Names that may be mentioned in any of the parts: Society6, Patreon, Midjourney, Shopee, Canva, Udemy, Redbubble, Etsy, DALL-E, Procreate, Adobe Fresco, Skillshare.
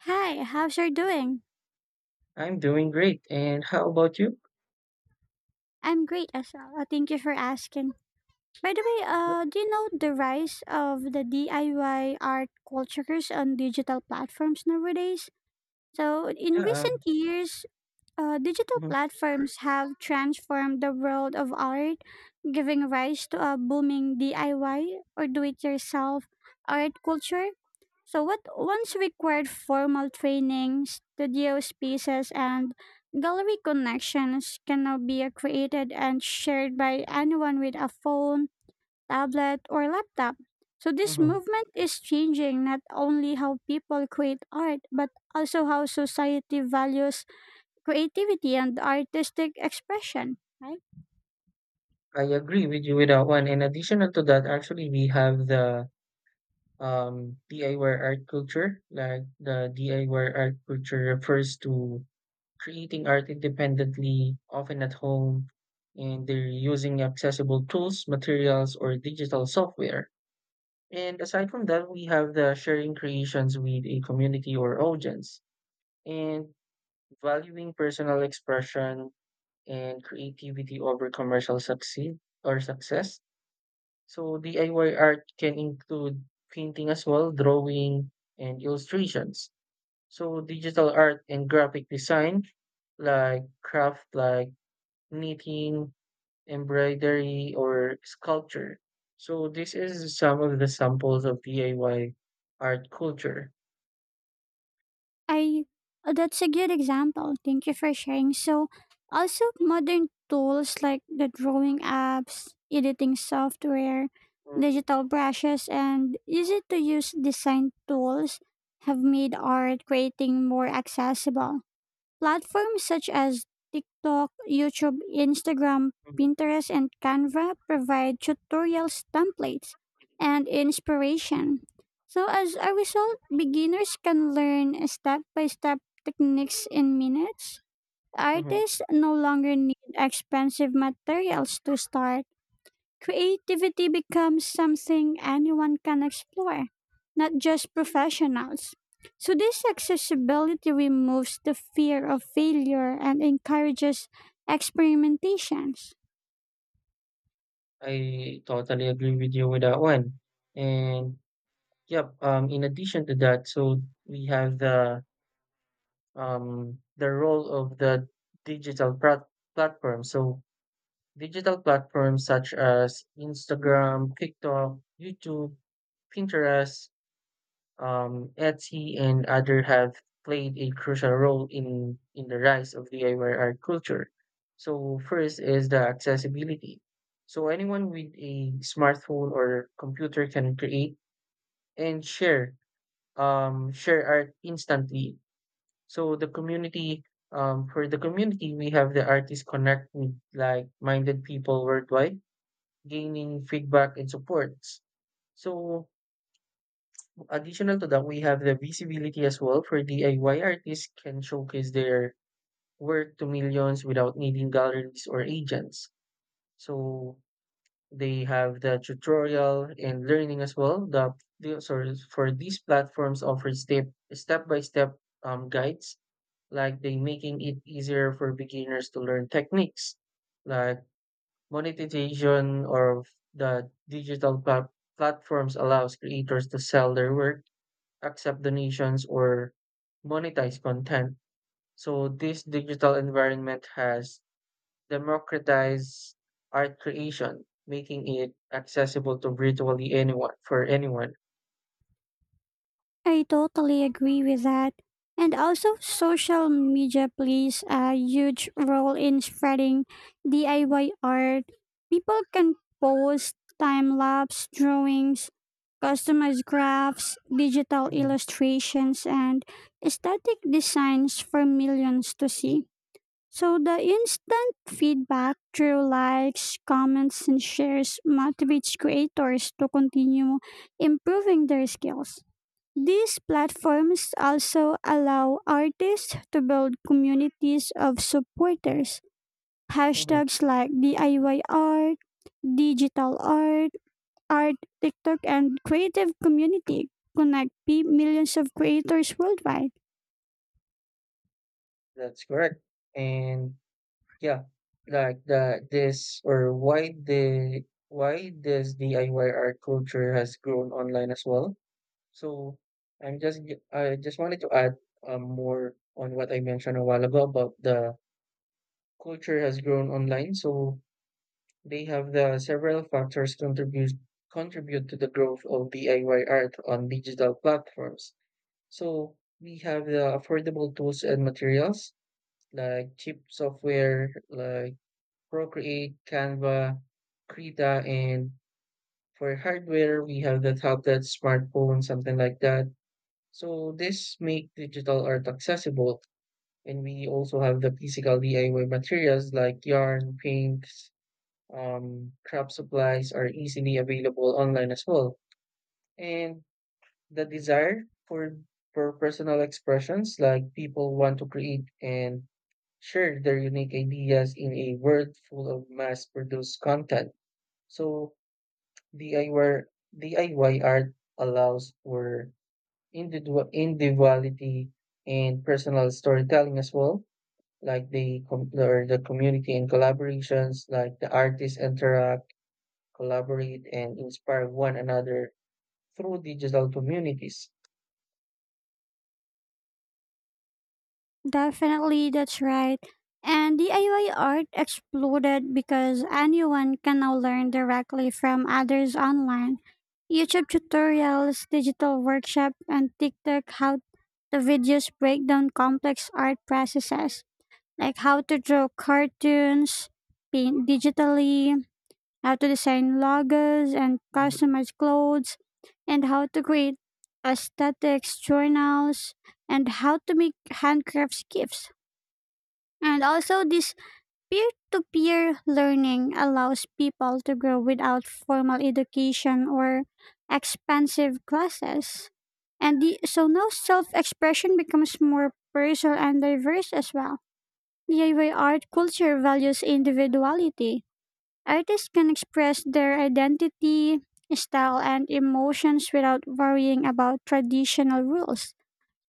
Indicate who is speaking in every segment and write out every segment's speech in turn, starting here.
Speaker 1: Hi, how's your doing?
Speaker 2: I'm doing great. And how about you?
Speaker 1: I'm great as well. Thank you for asking. By the way,
Speaker 2: Yep.
Speaker 1: do you know the rise of the DIY art cultures on digital platforms nowadays? So in
Speaker 2: Yeah.
Speaker 1: recent years, digital
Speaker 2: Mhm,
Speaker 1: platforms have transformed the world of art, giving rise to a booming DIY or do it yourself art culture. So, what once required formal training, studio spaces, and gallery connections can now be created and shared by anyone with a phone, tablet, or laptop. So, this
Speaker 2: mhm.
Speaker 1: movement is changing not only how people create art, but also how society values creativity and artistic expression, right?
Speaker 2: I agree with you with that one. In addition to that, actually, we have the DIY art culture. Like the DIY art culture refers to creating art independently, often at home, and they're using accessible tools, materials, or digital software. And aside from that, we have the sharing creations with a community or audience. And valuing personal expression and creativity over commercial succeed or success. So DIY art can include painting as well, drawing and illustrations. So digital art and graphic design like craft like knitting, embroidery or sculpture. So this is some of the samples of DIY art culture.
Speaker 1: I That's a good example. Thank you for sharing. So also modern tools like the drawing apps, editing software,
Speaker 2: Mm,
Speaker 1: digital brushes and easy to use design tools have made art creating more accessible. Platforms such as TikTok, YouTube, Instagram,
Speaker 2: mhm,
Speaker 1: Pinterest, and Canva provide tutorials, templates, and inspiration. So, as a result, beginners can learn step by step techniques in minutes.
Speaker 2: mhm.
Speaker 1: Artists no longer need expensive materials to start. Creativity becomes something anyone can explore, not just professionals. So, this accessibility removes the fear of failure and encourages experimentations.
Speaker 2: I totally agree with you with that one. And yep. In addition to that, so we have the role of the digital platform. So digital platforms such as Instagram, TikTok, YouTube, Pinterest, Etsy, and other have played a crucial role in the rise of DIY art culture. So first is the accessibility. So anyone with a smartphone or computer can create and share art instantly. So for the community, we have the artists connect with like-minded people worldwide, gaining feedback and supports. So additional to that, we have the visibility as well for DIY artists can showcase their work to millions without needing galleries or agents. So they have the tutorial and learning as well. The sorry, for these platforms offers step by step guides, like they making it easier for beginners to learn techniques like monetization, or the digital platforms allows creators to sell their work, accept donations or monetize content. So this digital environment has democratize art creation, making it accessible to virtually anyone for anyone.
Speaker 1: I totally agree with that. And also, social media plays a huge role in spreading DIY art. People can post time lapse drawings, customized graphs, digital
Speaker 2: Hmm.
Speaker 1: illustrations, and aesthetic designs for millions to see. So, the instant feedback through likes, comments, and shares motivates creators to continue improving their skills. These platforms also allow artists to build communities of supporters.
Speaker 2: Hmm.
Speaker 1: Hashtags like DIY art, digital art, art, TikTok, and creative community connect millions of creators worldwide.
Speaker 2: That's correct. And yeah, like the this, or why the why this DIY art culture has grown online as well. So I just wanted to add more on what I mentioned a while ago about the culture has grown online. So they have the several factors contribute to the growth of DIY art on digital platforms. So we have the affordable tools and materials like cheap software, like Procreate, Canva, Krita, and for hardware, we have the tablet, smartphone, something like that. So this make digital art accessible. And we also have the physical DIY materials like yarn, paints, craft supplies are easily available online as well. And the desire for personal expressions, like people want to create and share their unique ideas in a world full of mass-produced content. So DIY DIY art allows for individuality and personal storytelling as well, like the community and collaborations, like the artists interact, collaborate, and inspire one another through digital communities.
Speaker 1: Definitely, that's right. And DIY art exploded because anyone can now learn directly from others online. YouTube tutorials, digital workshop, and TikTok how the videos break down complex art processes, like how to draw cartoons, paint digitally, how to design logos and
Speaker 2: Mhm.
Speaker 1: customize clothes, and how to create aesthetics journals, and how to make handcrafts gifts. And also, this peer to peer learning allows people to grow without formal education or expensive classes. So now self expression becomes more personal and diverse as well. DIY art culture values individuality. Artists can express their identity, style, and emotions without worrying about traditional rules.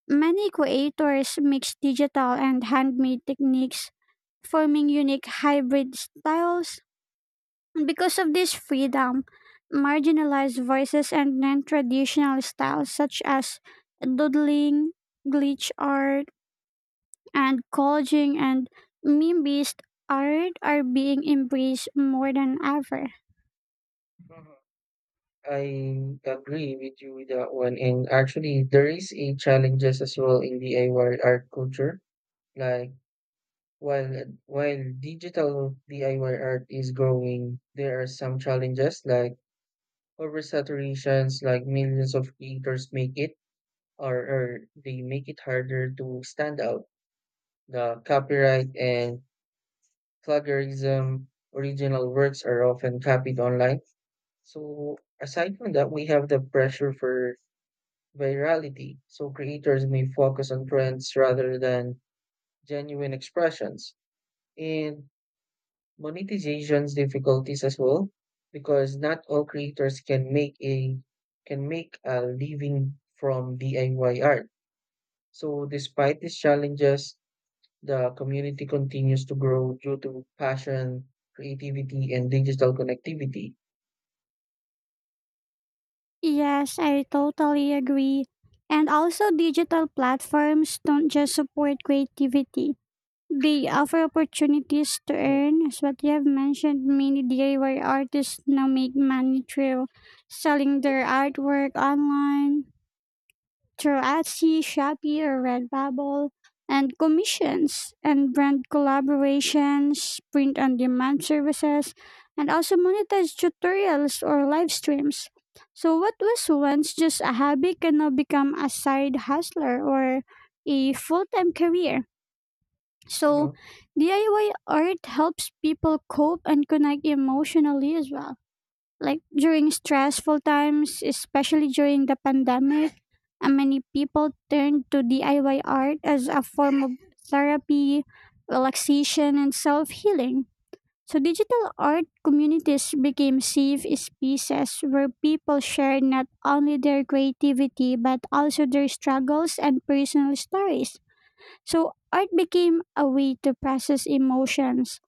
Speaker 1: Many creators mix digital and handmade techniques forming unique hybrid styles. Because of this freedom, marginalized voices and non traditional styles such as doodling, glitch art, and collaging and meme based art are being embraced more than ever.
Speaker 2: Mhm. I agree with you with that one. And actually, there is a challenges as well in DIY art culture. Like While while digital DIY art is growing, there are some challenges like oversaturations, like millions of creators make it, or they make it harder to stand out. The copyright and plagiarism, original works are often copied online. So aside from that, we have the pressure for virality. So creators may focus on trends rather than genuine expressions. And monetization's difficulties as well, because not all creators can make a living from DIY art. So despite these challenges, the community continues to grow due to passion, creativity, and digital connectivity.
Speaker 1: Yes, I totally agree. And also, digital platforms don't just support creativity. They offer opportunities to
Speaker 2: Mhm,
Speaker 1: earn, as what you have mentioned. Many DIY artists now make money through selling their artwork online through Etsy, Shopee, or Redbubble, and commissions and brand collaborations, print on demand services, and also monetize tutorials or live streams. So, what was once just a hobby can now become a side hustler or a full time career. So,
Speaker 2: mhm,
Speaker 1: DIY art helps people cope and connect emotionally as well. Like during stressful times, especially during the pandemic, many people turned to DIY art as a form of therapy, relaxation, and self healing. So, digital art communities became safe spaces where people share not only their creativity but also their struggles and personal stories. So art became a way to process emotions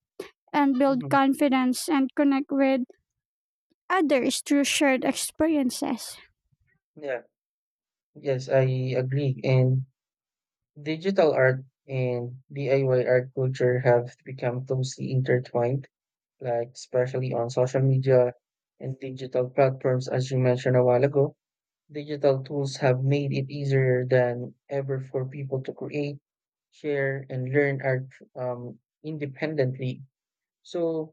Speaker 1: and build
Speaker 2: mhm.
Speaker 1: confidence and connect with others through shared experiences.
Speaker 2: Yeah. Yes, I agree. And digital art and DIY art culture have become closely intertwined, like especially on social media and digital platforms, as you mentioned a while ago. Digital tools have made it easier than ever for people to create, share, and learn art um, independently. So,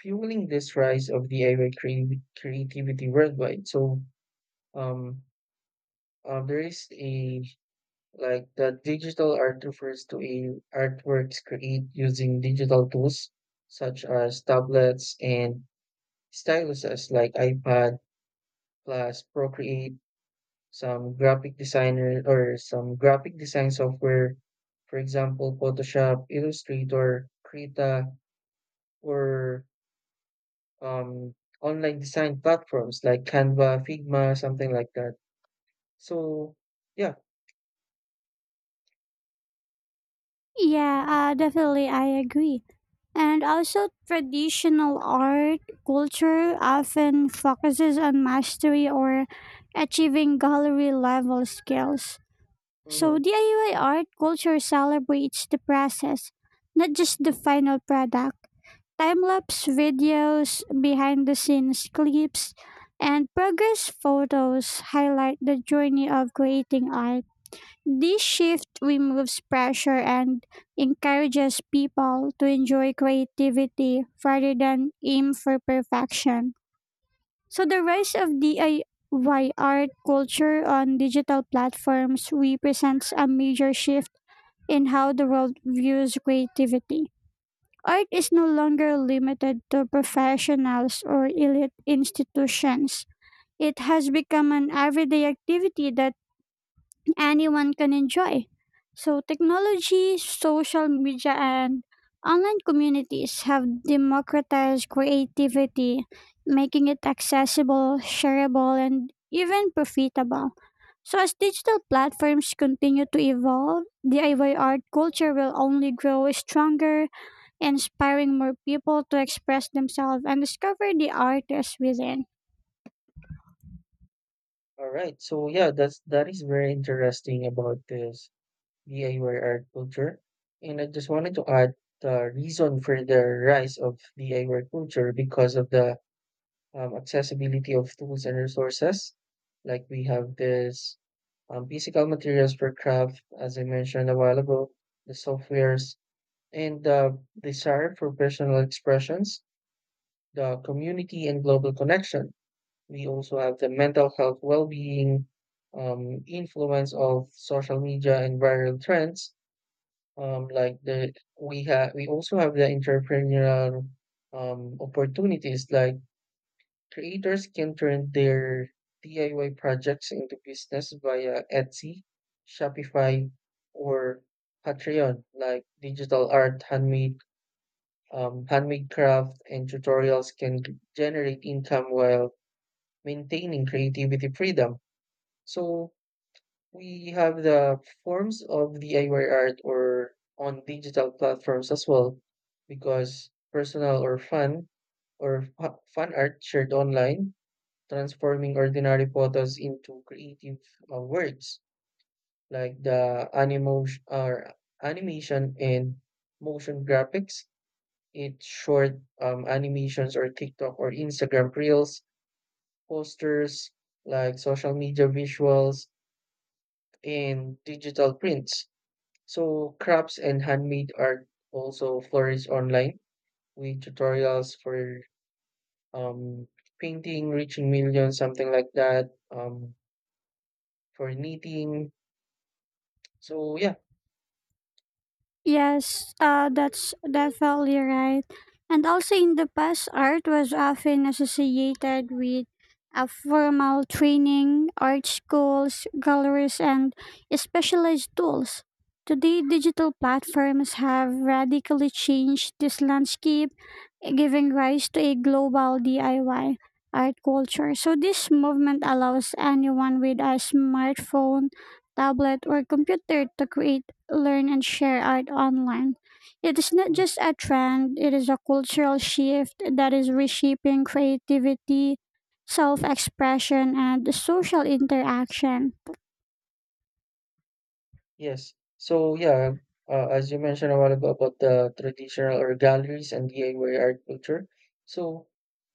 Speaker 2: fueling this rise of DIY creativity worldwide. So, um, there is a like the digital art refers to a artworks created using digital tools such as tablets and styluses like iPad plus Procreate, some graphic designer or some graphic design software, for example, Photoshop, Illustrator, Krita, or um, online design platforms like Canva, Figma, something like that. So yeah.
Speaker 1: Yeah, definitely, I agree. And also, traditional art culture often focuses on mastery or achieving gallery level skills.
Speaker 2: Mm-hmm.
Speaker 1: So, DIY art culture celebrates the process, not just the final product. Time lapse videos, behind the scenes clips, and progress photos highlight the journey of creating art. This shift removes pressure and encourages people to enjoy creativity rather than aim for perfection. So, the rise of DIY art culture on digital platforms represents a major shift in how the world views creativity. Art is no longer limited to professionals or elite institutions. It has become an everyday activity that anyone can enjoy. So, technology, social media, and online communities have democratized creativity, making it accessible, shareable, and even profitable. So, as digital platforms continue to evolve, DIY art culture will only grow stronger, inspiring more people to express themselves and discover the artists within.
Speaker 2: All right. So yeah, that is very interesting about this DIY art culture. And I just wanted to add the reason for the rise of DIY culture because of the accessibility of tools and resources. Like we have this physical materials for craft, as I mentioned a while ago, the softwares, and the desire for personal expressions, the community and global connection. We also have the mental health well being, influence of social media and viral trends, like the we have we also have the entrepreneurial opportunities like creators can turn their DIY projects into business via Etsy, Shopify, or Patreon. Like digital art, handmade craft, and tutorials can generate income while maintaining creativity freedom. So we have the forms of DIY art or on digital platforms as well, because personal or fun or fun art shared online, transforming ordinary photos into creative works like the animation and motion graphics. It's short animations or TikTok or Instagram reels, posters like social media visuals and digital prints. So crafts and handmade art also flourish online with tutorials for um, painting, reaching millions, something like that, for knitting. So yeah.
Speaker 1: Yes, that's definitely right. And also in the past, art was often associated with a formal training, art schools, galleries, and specialized tools. Today, digital platforms have radically changed this landscape, giving rise to a global DIY art culture. So, this movement allows anyone with a smartphone, tablet, or computer to create, learn, and share art online. It is not
Speaker 2: Mhm.
Speaker 1: just a trend, it is a cultural shift that is reshaping creativity, self expression, and social interaction.
Speaker 2: Yes. So yeah, as you mentioned a while ago about the traditional or galleries and DIY art culture. So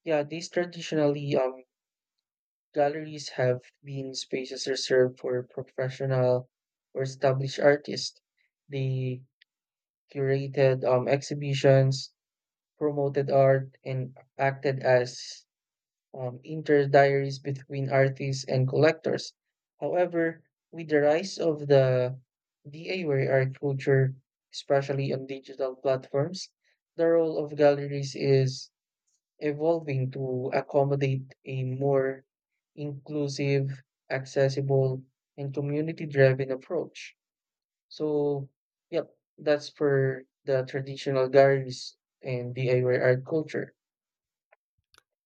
Speaker 2: yeah, these traditionally galleries have been spaces reserved for professional or established artists. They curated exhibitions, promoted art, and acted as interdiaries between artists and collectors. However, with the rise of the DIY art culture, especially on digital platforms, the role of galleries is evolving to accommodate a more inclusive, accessible, and community driven approach. So, yep, that's for the traditional galleries and DIY art culture.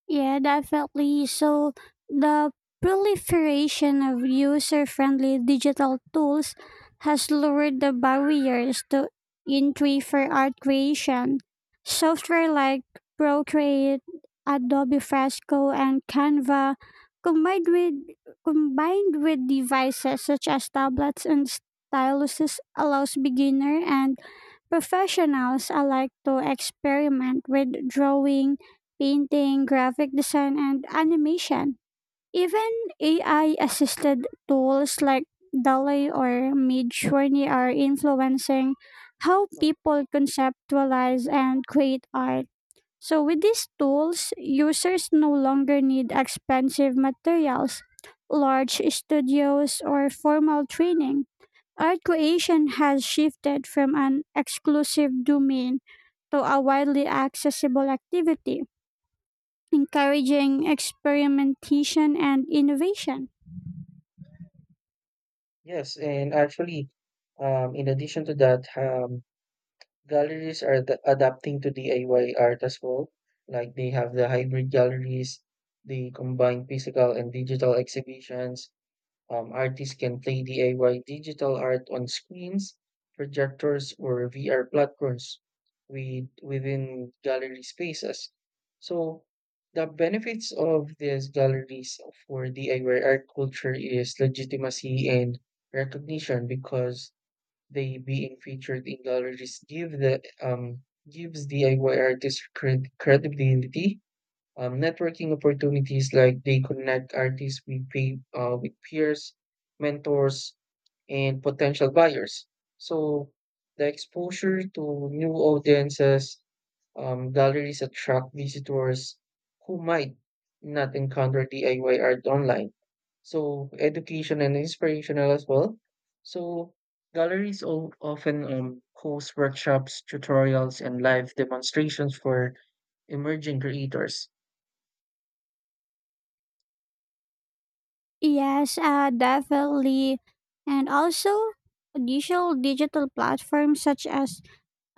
Speaker 1: Yeah, definitely. So the proliferation of user-friendly digital tools has lowered the barriers to entry for art creation. Software like Procreate, Adobe Fresco, and Canva combined with combined with devices such as tablets and styluses allows beginner and professionals alike to experiment with drawing, painting, graphic design, and animation. Even AI assisted tools like DALL-E or Midjourney are influencing how
Speaker 2: Uh,
Speaker 1: people conceptualize and create art. So, with these tools, users no longer need expensive materials, large studios, or formal training. Art creation has shifted from an exclusive domain to a widely accessible activity, encouraging experimentation and innovation.
Speaker 2: Yes, and actually, in addition to that, galleries are adapting to DIY art as well. Like they have the hybrid galleries, they combine physical and digital exhibitions. Artists can play DIY digital art on screens, projectors, or VR platforms within gallery spaces. So, the benefits of these galleries for DIY art culture is legitimacy and recognition, because they being featured in galleries gives DIY artists credibility, networking opportunities like they connect artists with peers, mentors, and potential buyers. So the exposure to new audiences, galleries attract visitors who might not encounter DIY art online. So education and inspirational as well. So galleries often host workshops, tutorials, and live demonstrations for emerging creators.
Speaker 1: Yes, definitely. And also, additional digital platforms such as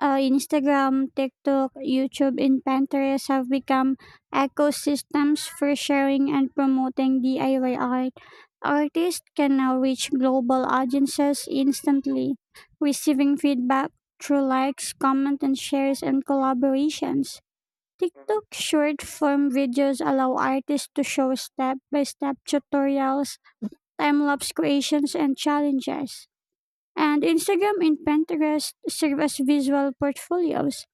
Speaker 1: Instagram, TikTok, YouTube, and Pinterest have become ecosystems for sharing and promoting DIY art. Artists can now reach global audiences instantly, receiving feedback through likes, comments, and shares and collaborations. TikTok short form videos allow artists to show step by step tutorials, time lapse creations, and challenges. And Instagram and Pinterest serve as visual portfolios,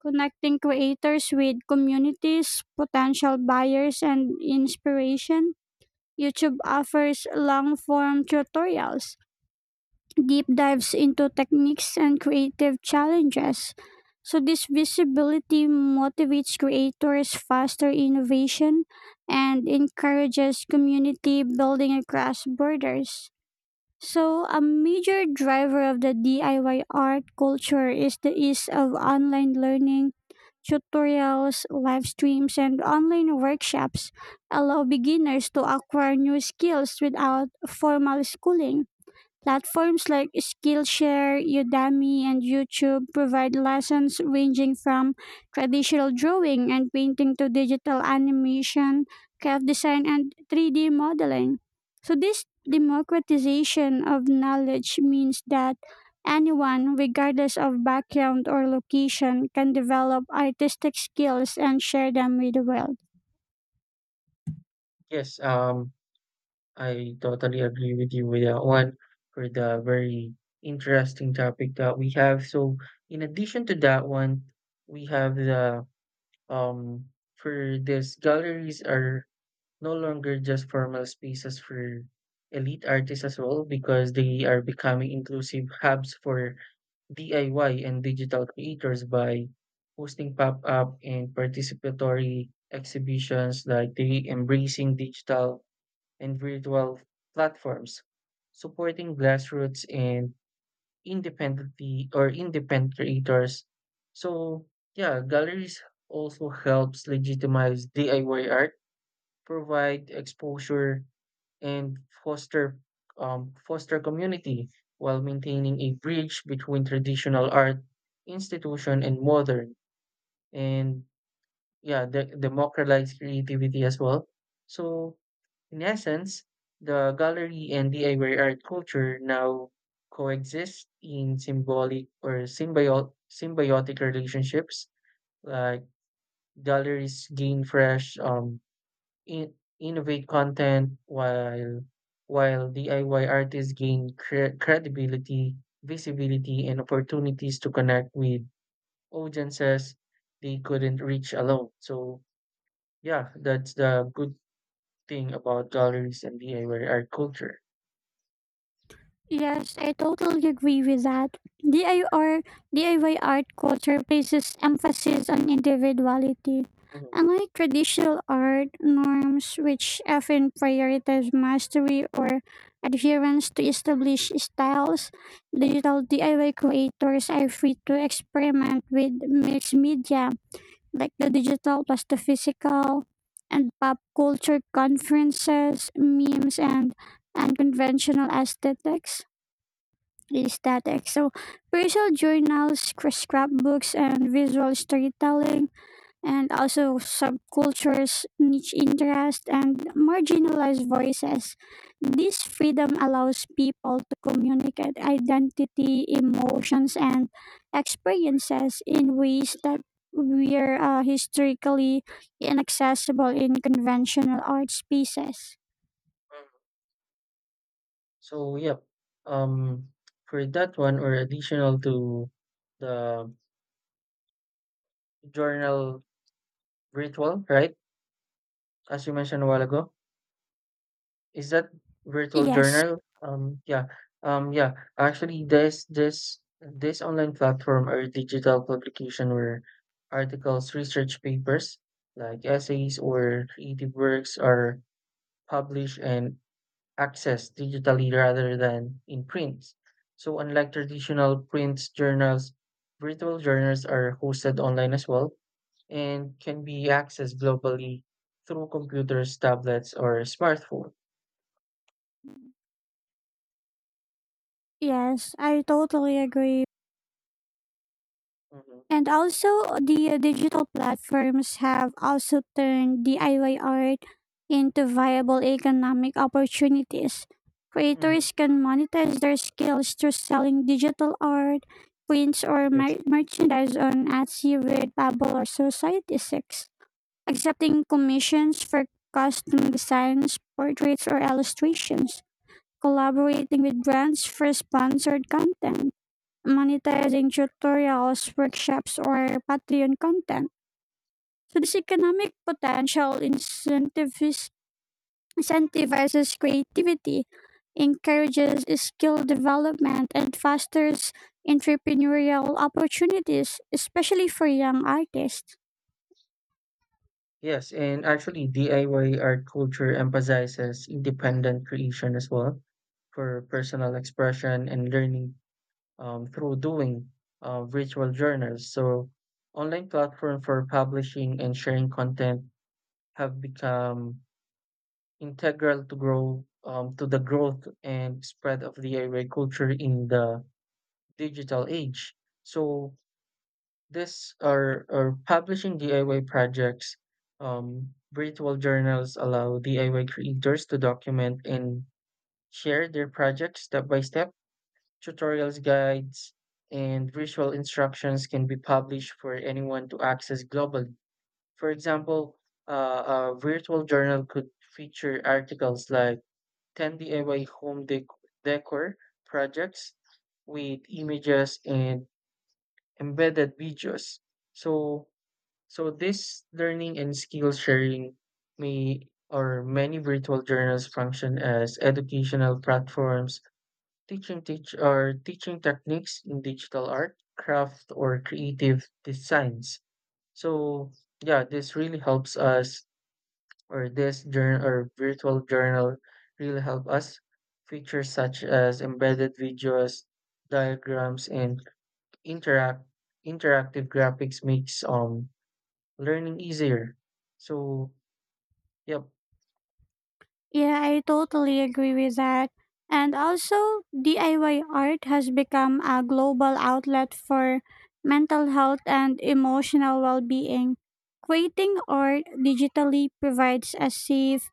Speaker 1: connecting creators with communities, potential buyers, and inspiration. YouTube offers long form tutorials, deep dives into techniques, and creative challenges. So, this visibility motivates creators, faster innovation, and encourages community building across borders. So, a major driver of the DIY art culture is the ease of
Speaker 2: Mhm.
Speaker 1: online learning. Tutorials, live streams, and online workshops allow beginners to acquire new skills without formal schooling. Platforms like Skillshare, Udemy, and YouTube provide lessons ranging from traditional drawing and painting to digital animation, craft design, and 3D modeling. So, this democratization of knowledge means that anyone, regardless of background or location, can develop artistic skills and share them with the world.
Speaker 2: Yes, I totally agree with you with that one, for the very interesting topic that we have. So, in addition to that one, we have the for this, galleries are no longer just formal spaces for elite artists as well, because they are becoming inclusive hubs for DIY and digital creators by hosting pop-up and participatory exhibitions like the embracing digital and virtual platforms, supporting grassroots and independent creators. So yeah, galleries also helps legitimize DIY art, provide exposure, and foster foster community while maintaining a bridge between traditional art institution and modern, and yeah, the democratize creativity as well. So in essence, the gallery and DIY art culture now coexist in symbolic or symbiotic relationships. Like galleries gain fresh, innovate content, while DIY artists gain credibility, visibility, and opportunities to connect with audiences they couldn't reach alone. So yeah, that's the good thing about galleries and DIY art culture.
Speaker 1: Yes, I totally agree with that. DIY art culture places emphasis on individuality.
Speaker 2: Mhm,
Speaker 1: Unlike traditional art norms, which often prioritize mastery or adherence to established styles, digital DIY creators are free to experiment with mixed media, like the digital plus the physical, and pop culture conferences, memes, and unconventional aesthetics static. So personal journals, scrapbooks, and visual storytelling, and also subcultures, niche interests, and marginalized voices. This freedom allows people to communicate identity, emotions, and experiences in ways that were historically inaccessible in conventional art spaces.
Speaker 2: mhm. So, yep. Um, for that one, or additional to the journal virtual, right? As you mentioned a while ago, is that virtual
Speaker 1: Yes,
Speaker 2: journal? Yeah. Yeah. Actually, this online platform or digital publication, where articles, research papers, like essays or creative works are published and accessed digitally rather than in print. So, unlike traditional print journals, virtual journals are hosted online as well and can be accessed globally through computers, tablets, or smartphone.
Speaker 1: yes, I totally agree.
Speaker 2: Hmm.
Speaker 1: And also, the digital platforms have also turned DIY art into viable economic opportunities.
Speaker 2: Hmm.
Speaker 1: Creators can monetize their skills through selling digital art, prints, or
Speaker 2: Yes.
Speaker 1: merchandise on Etsy, Redbubble, or Society6, accepting commissions for custom designs, portraits, or illustrations, collaborating with brands for sponsored content,
Speaker 2: y-
Speaker 1: monetizing tutorials, workshops, or Patreon content. So this economic potential incentivizes creativity, encourages skill development, and fosters entrepreneurial opportunities, especially for young artists.
Speaker 2: Yes, and actually, DIY art culture emphasizes independent creation as well for personal expression and learning through doing, virtual journals. So, online platform for publishing and sharing content have become integral to growth and spread of the AI culture in the digital age. So, this are, publishing DIY projects. Virtual journals allow DIY creators to document and share their projects step by step. Tutorials, guides, and visual instructions can be published for anyone to access globally. For example, uh, a virtual journal could feature articles like 10 DIY home decor projects with images and embedded videos. So, this learning and skill sharing, may or many virtual journals function as educational platforms. Teaching teach or teaching techniques in digital art, craft, or creative designs. So yeah, this really helps us, or this journal or virtual journal really help us. Features such as embedded videos, diagrams, and interact interactive graphics makes learning easier. So yep.
Speaker 1: Yeah, I totally agree with that. And also, DIY art has become a global outlet for mental health and emotional well being. Creating art digitally provides a safe,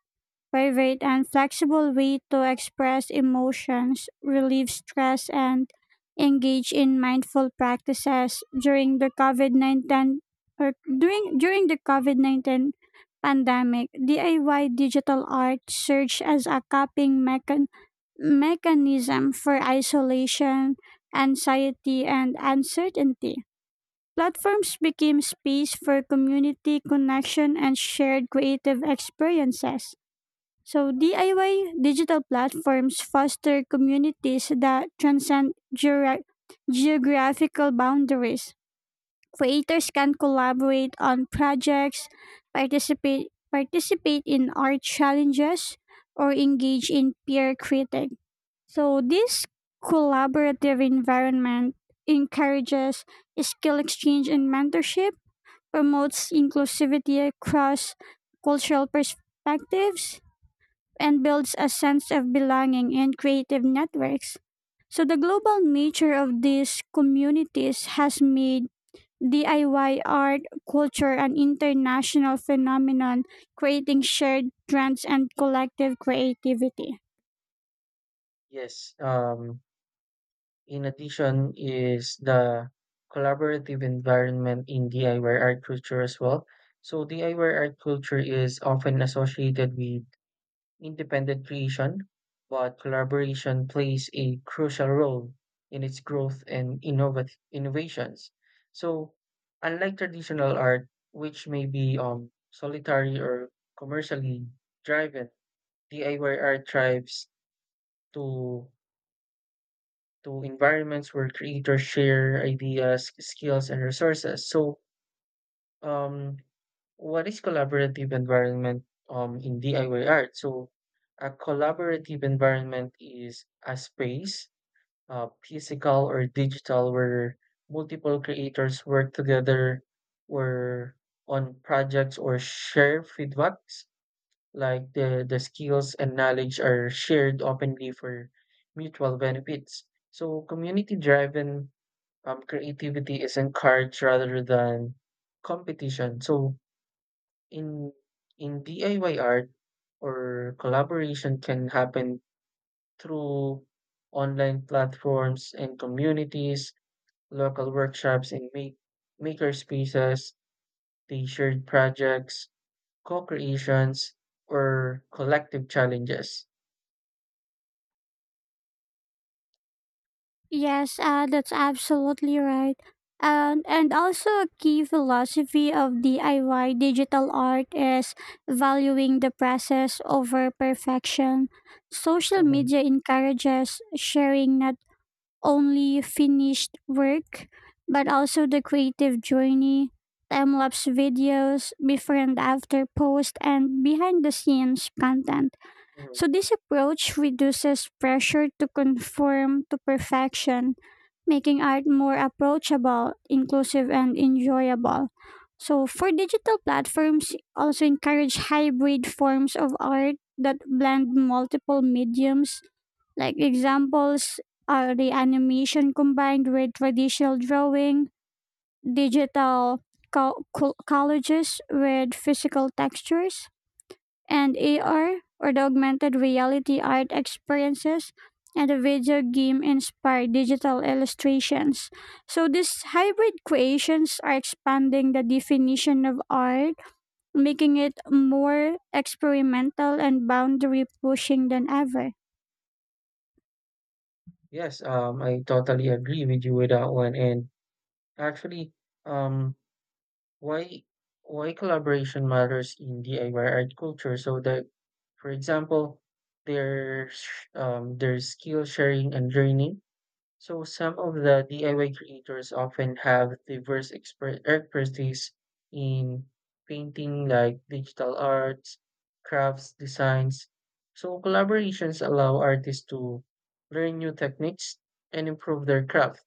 Speaker 1: private and flexible way to express emotions, relieve stress, and engage in mindful practices during the COVID 19 or during the COVID 19 pandemic. DIY digital art served as a coping mechanism for isolation, anxiety, and uncertainty. Platforms became space for community connection and shared creative experiences. So DIY digital platforms foster communities that transcend geographical boundaries. Creators can collaborate on projects, participate in art challenges, or engage in peer critic. So this collaborative environment encourages skill exchange and mentorship, promotes inclusivity across cultural perspectives, and builds a sense of belonging and creative networks. So, the global nature of these communities has made DIY art, culture, an international phenomenon, creating shared trends and collective creativity.
Speaker 2: Yes. In addition is the collaborative environment in DIY art culture as well. So DIY art culture is often associated with independent creation, but collaboration plays a crucial role in its growth and innovations. So unlike traditional art, which may be solitary or commercially driven, DIY art thrives to to environments where creators share ideas, skills, and resources. So, um, what is collaborative environment in DIY art? So, a collaborative environment is a space, physical or digital, where multiple creators work together or on projects or share feedbacks, like the skills and knowledge are shared openly for mutual benefits. So community driven creativity is encouraged rather than competition. So in in DIY art or collaboration can happen through online platforms and communities, local workshops and maker spaces, the shared projects, co-creations, or collective challenges.
Speaker 1: Yes, that's absolutely right. And also a key philosophy of DIY digital art is valuing the process over perfection. Social
Speaker 2: Mhm,
Speaker 1: media encourages sharing not only finished work but also the creative journey, time lapse videos, before and after post, and behind the scenes content.
Speaker 2: mhm.
Speaker 1: So, this approach reduces pressure to conform to perfection, making art more approachable, inclusive, and enjoyable. So, for digital platforms, also encourage hybrid forms of art that blend multiple mediums. Like examples are the animation combined with traditional drawing, digital collages with physical textures and
Speaker 2: Yes,
Speaker 1: AR or the augmented reality art experiences and the video game inspired digital illustrations. So these hybrid creations are expanding the definition of art, making it more experimental and boundary pushing than ever.
Speaker 2: yes, I totally agree with you with that one. And actually, um, why why collaboration matters in DIY art culture, so that for example there's there's skill sharing and learning. So some of the DIY creators often have diverse expertise in painting, like digital arts, crafts designs. So collaborations allow artists to learn new techniques and improve their craft.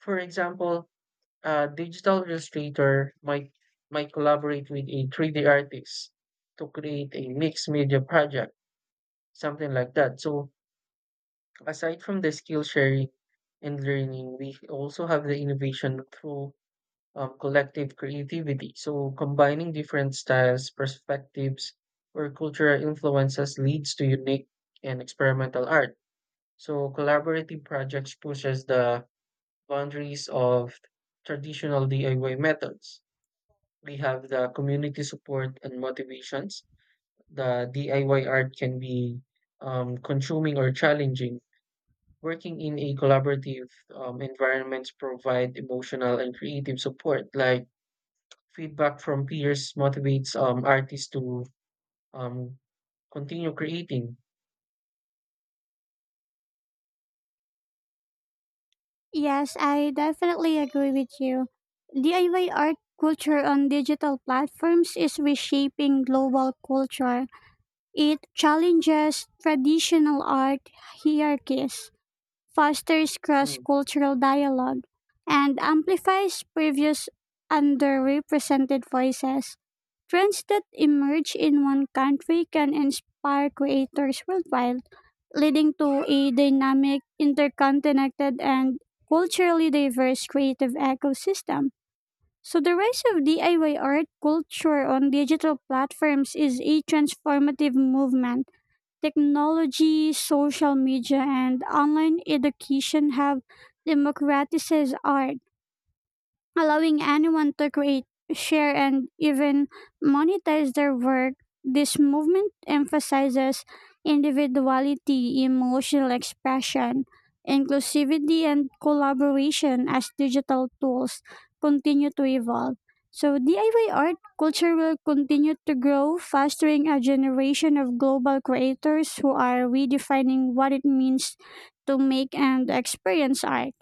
Speaker 2: For example, a digital illustrator might collaborate with a 3D artist to create a mixed media project, something like that. So aside from the skill sharing and learning, we also have the innovation through collective creativity. So combining different styles, perspectives, or cultural influences leads to unique and experimental art. So collaborative projects pushes the boundaries of traditional DIY methods. We have the community support and motivations. The DIY art can be consuming or challenging. Working in a collaborative environment provide emotional and creative support. Like feedback from peers motivates artists to um, continue creating.
Speaker 1: Yes, I definitely agree with you. DIY art culture on digital platforms is reshaping global culture. It challenges traditional art hierarchies, fosters cross
Speaker 2: Mm.
Speaker 1: cultural dialogue, and amplifies previous underrepresented voices. Trends that emerge in one country can inspire creators worldwide, leading to a dynamic, interconnected, and culturally diverse creative ecosystem. So, the rise of DIY art culture on digital platforms is a transformative movement. Technology, social media, and online education have democratized art, allowing anyone to create, share, and even monetize their work. This movement emphasizes individuality, emotional expression, inclusivity, and collaboration as digital tools continue to evolve. So, DIY art culture will continue to grow, fostering a generation of global creators who are redefining what it means to make and experience art.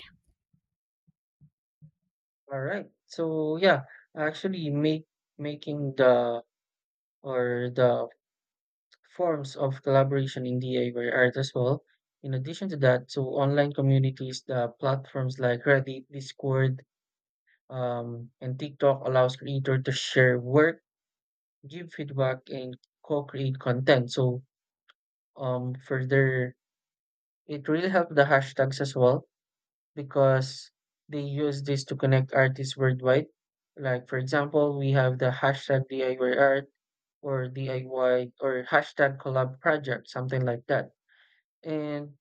Speaker 2: All right. So yeah, actually make making the forms of collaboration in DIY art as well. In addition to that, so online communities, the platforms like Reddit, Discord, and TikTok allows creator to share work, give feedback, and co-create content. So further, it really helped the hashtags as well, because they use this to connect artists worldwide. Like for example, we have the hashtag DIY art, or DIY, or hashtag collab project, something like that. And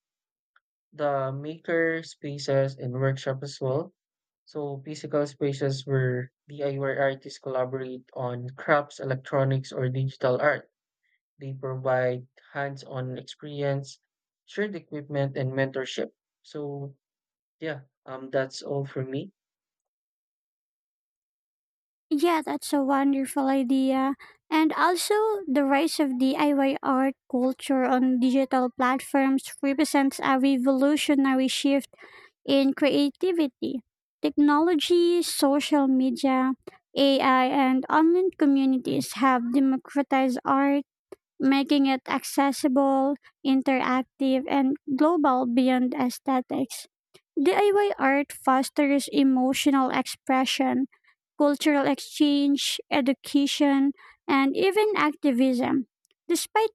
Speaker 2: the maker spaces and workshop as well. So physical spaces where DIY artists collaborate on crafts, electronics, or digital art. They provide hands-on experience, shared equipment, and mentorship. So yeah, that's all for me.
Speaker 1: Yeah, that's a wonderful idea. And also, the rise of DIY art culture on digital platforms represents a revolutionary shift in creativity. Technology, social media, AI, and online
Speaker 2: Mhm,
Speaker 1: communities have democratized art, making it accessible, interactive, and global beyond aesthetics. DIY art fosters emotional expression, cultural exchange, education, and even activism. Despite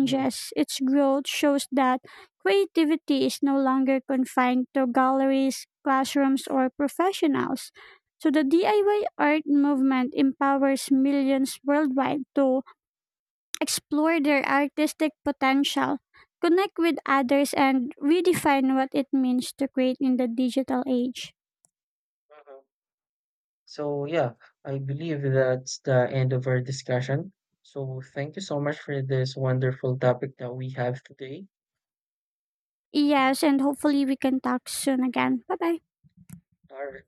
Speaker 2: mhm,
Speaker 1: its growth shows that creativity is no longer confined to galleries, classrooms, or professionals. So the DIY art movement empowers millions worldwide to explore their artistic potential, connect with others, and redefine what it means to create in the digital age.
Speaker 2: mhm. So yeah, I believe that's the end of our discussion. So thank you so much for this wonderful topic that we have today.
Speaker 1: Yes, and hopefully we can talk soon again. Bye bye.
Speaker 2: All right.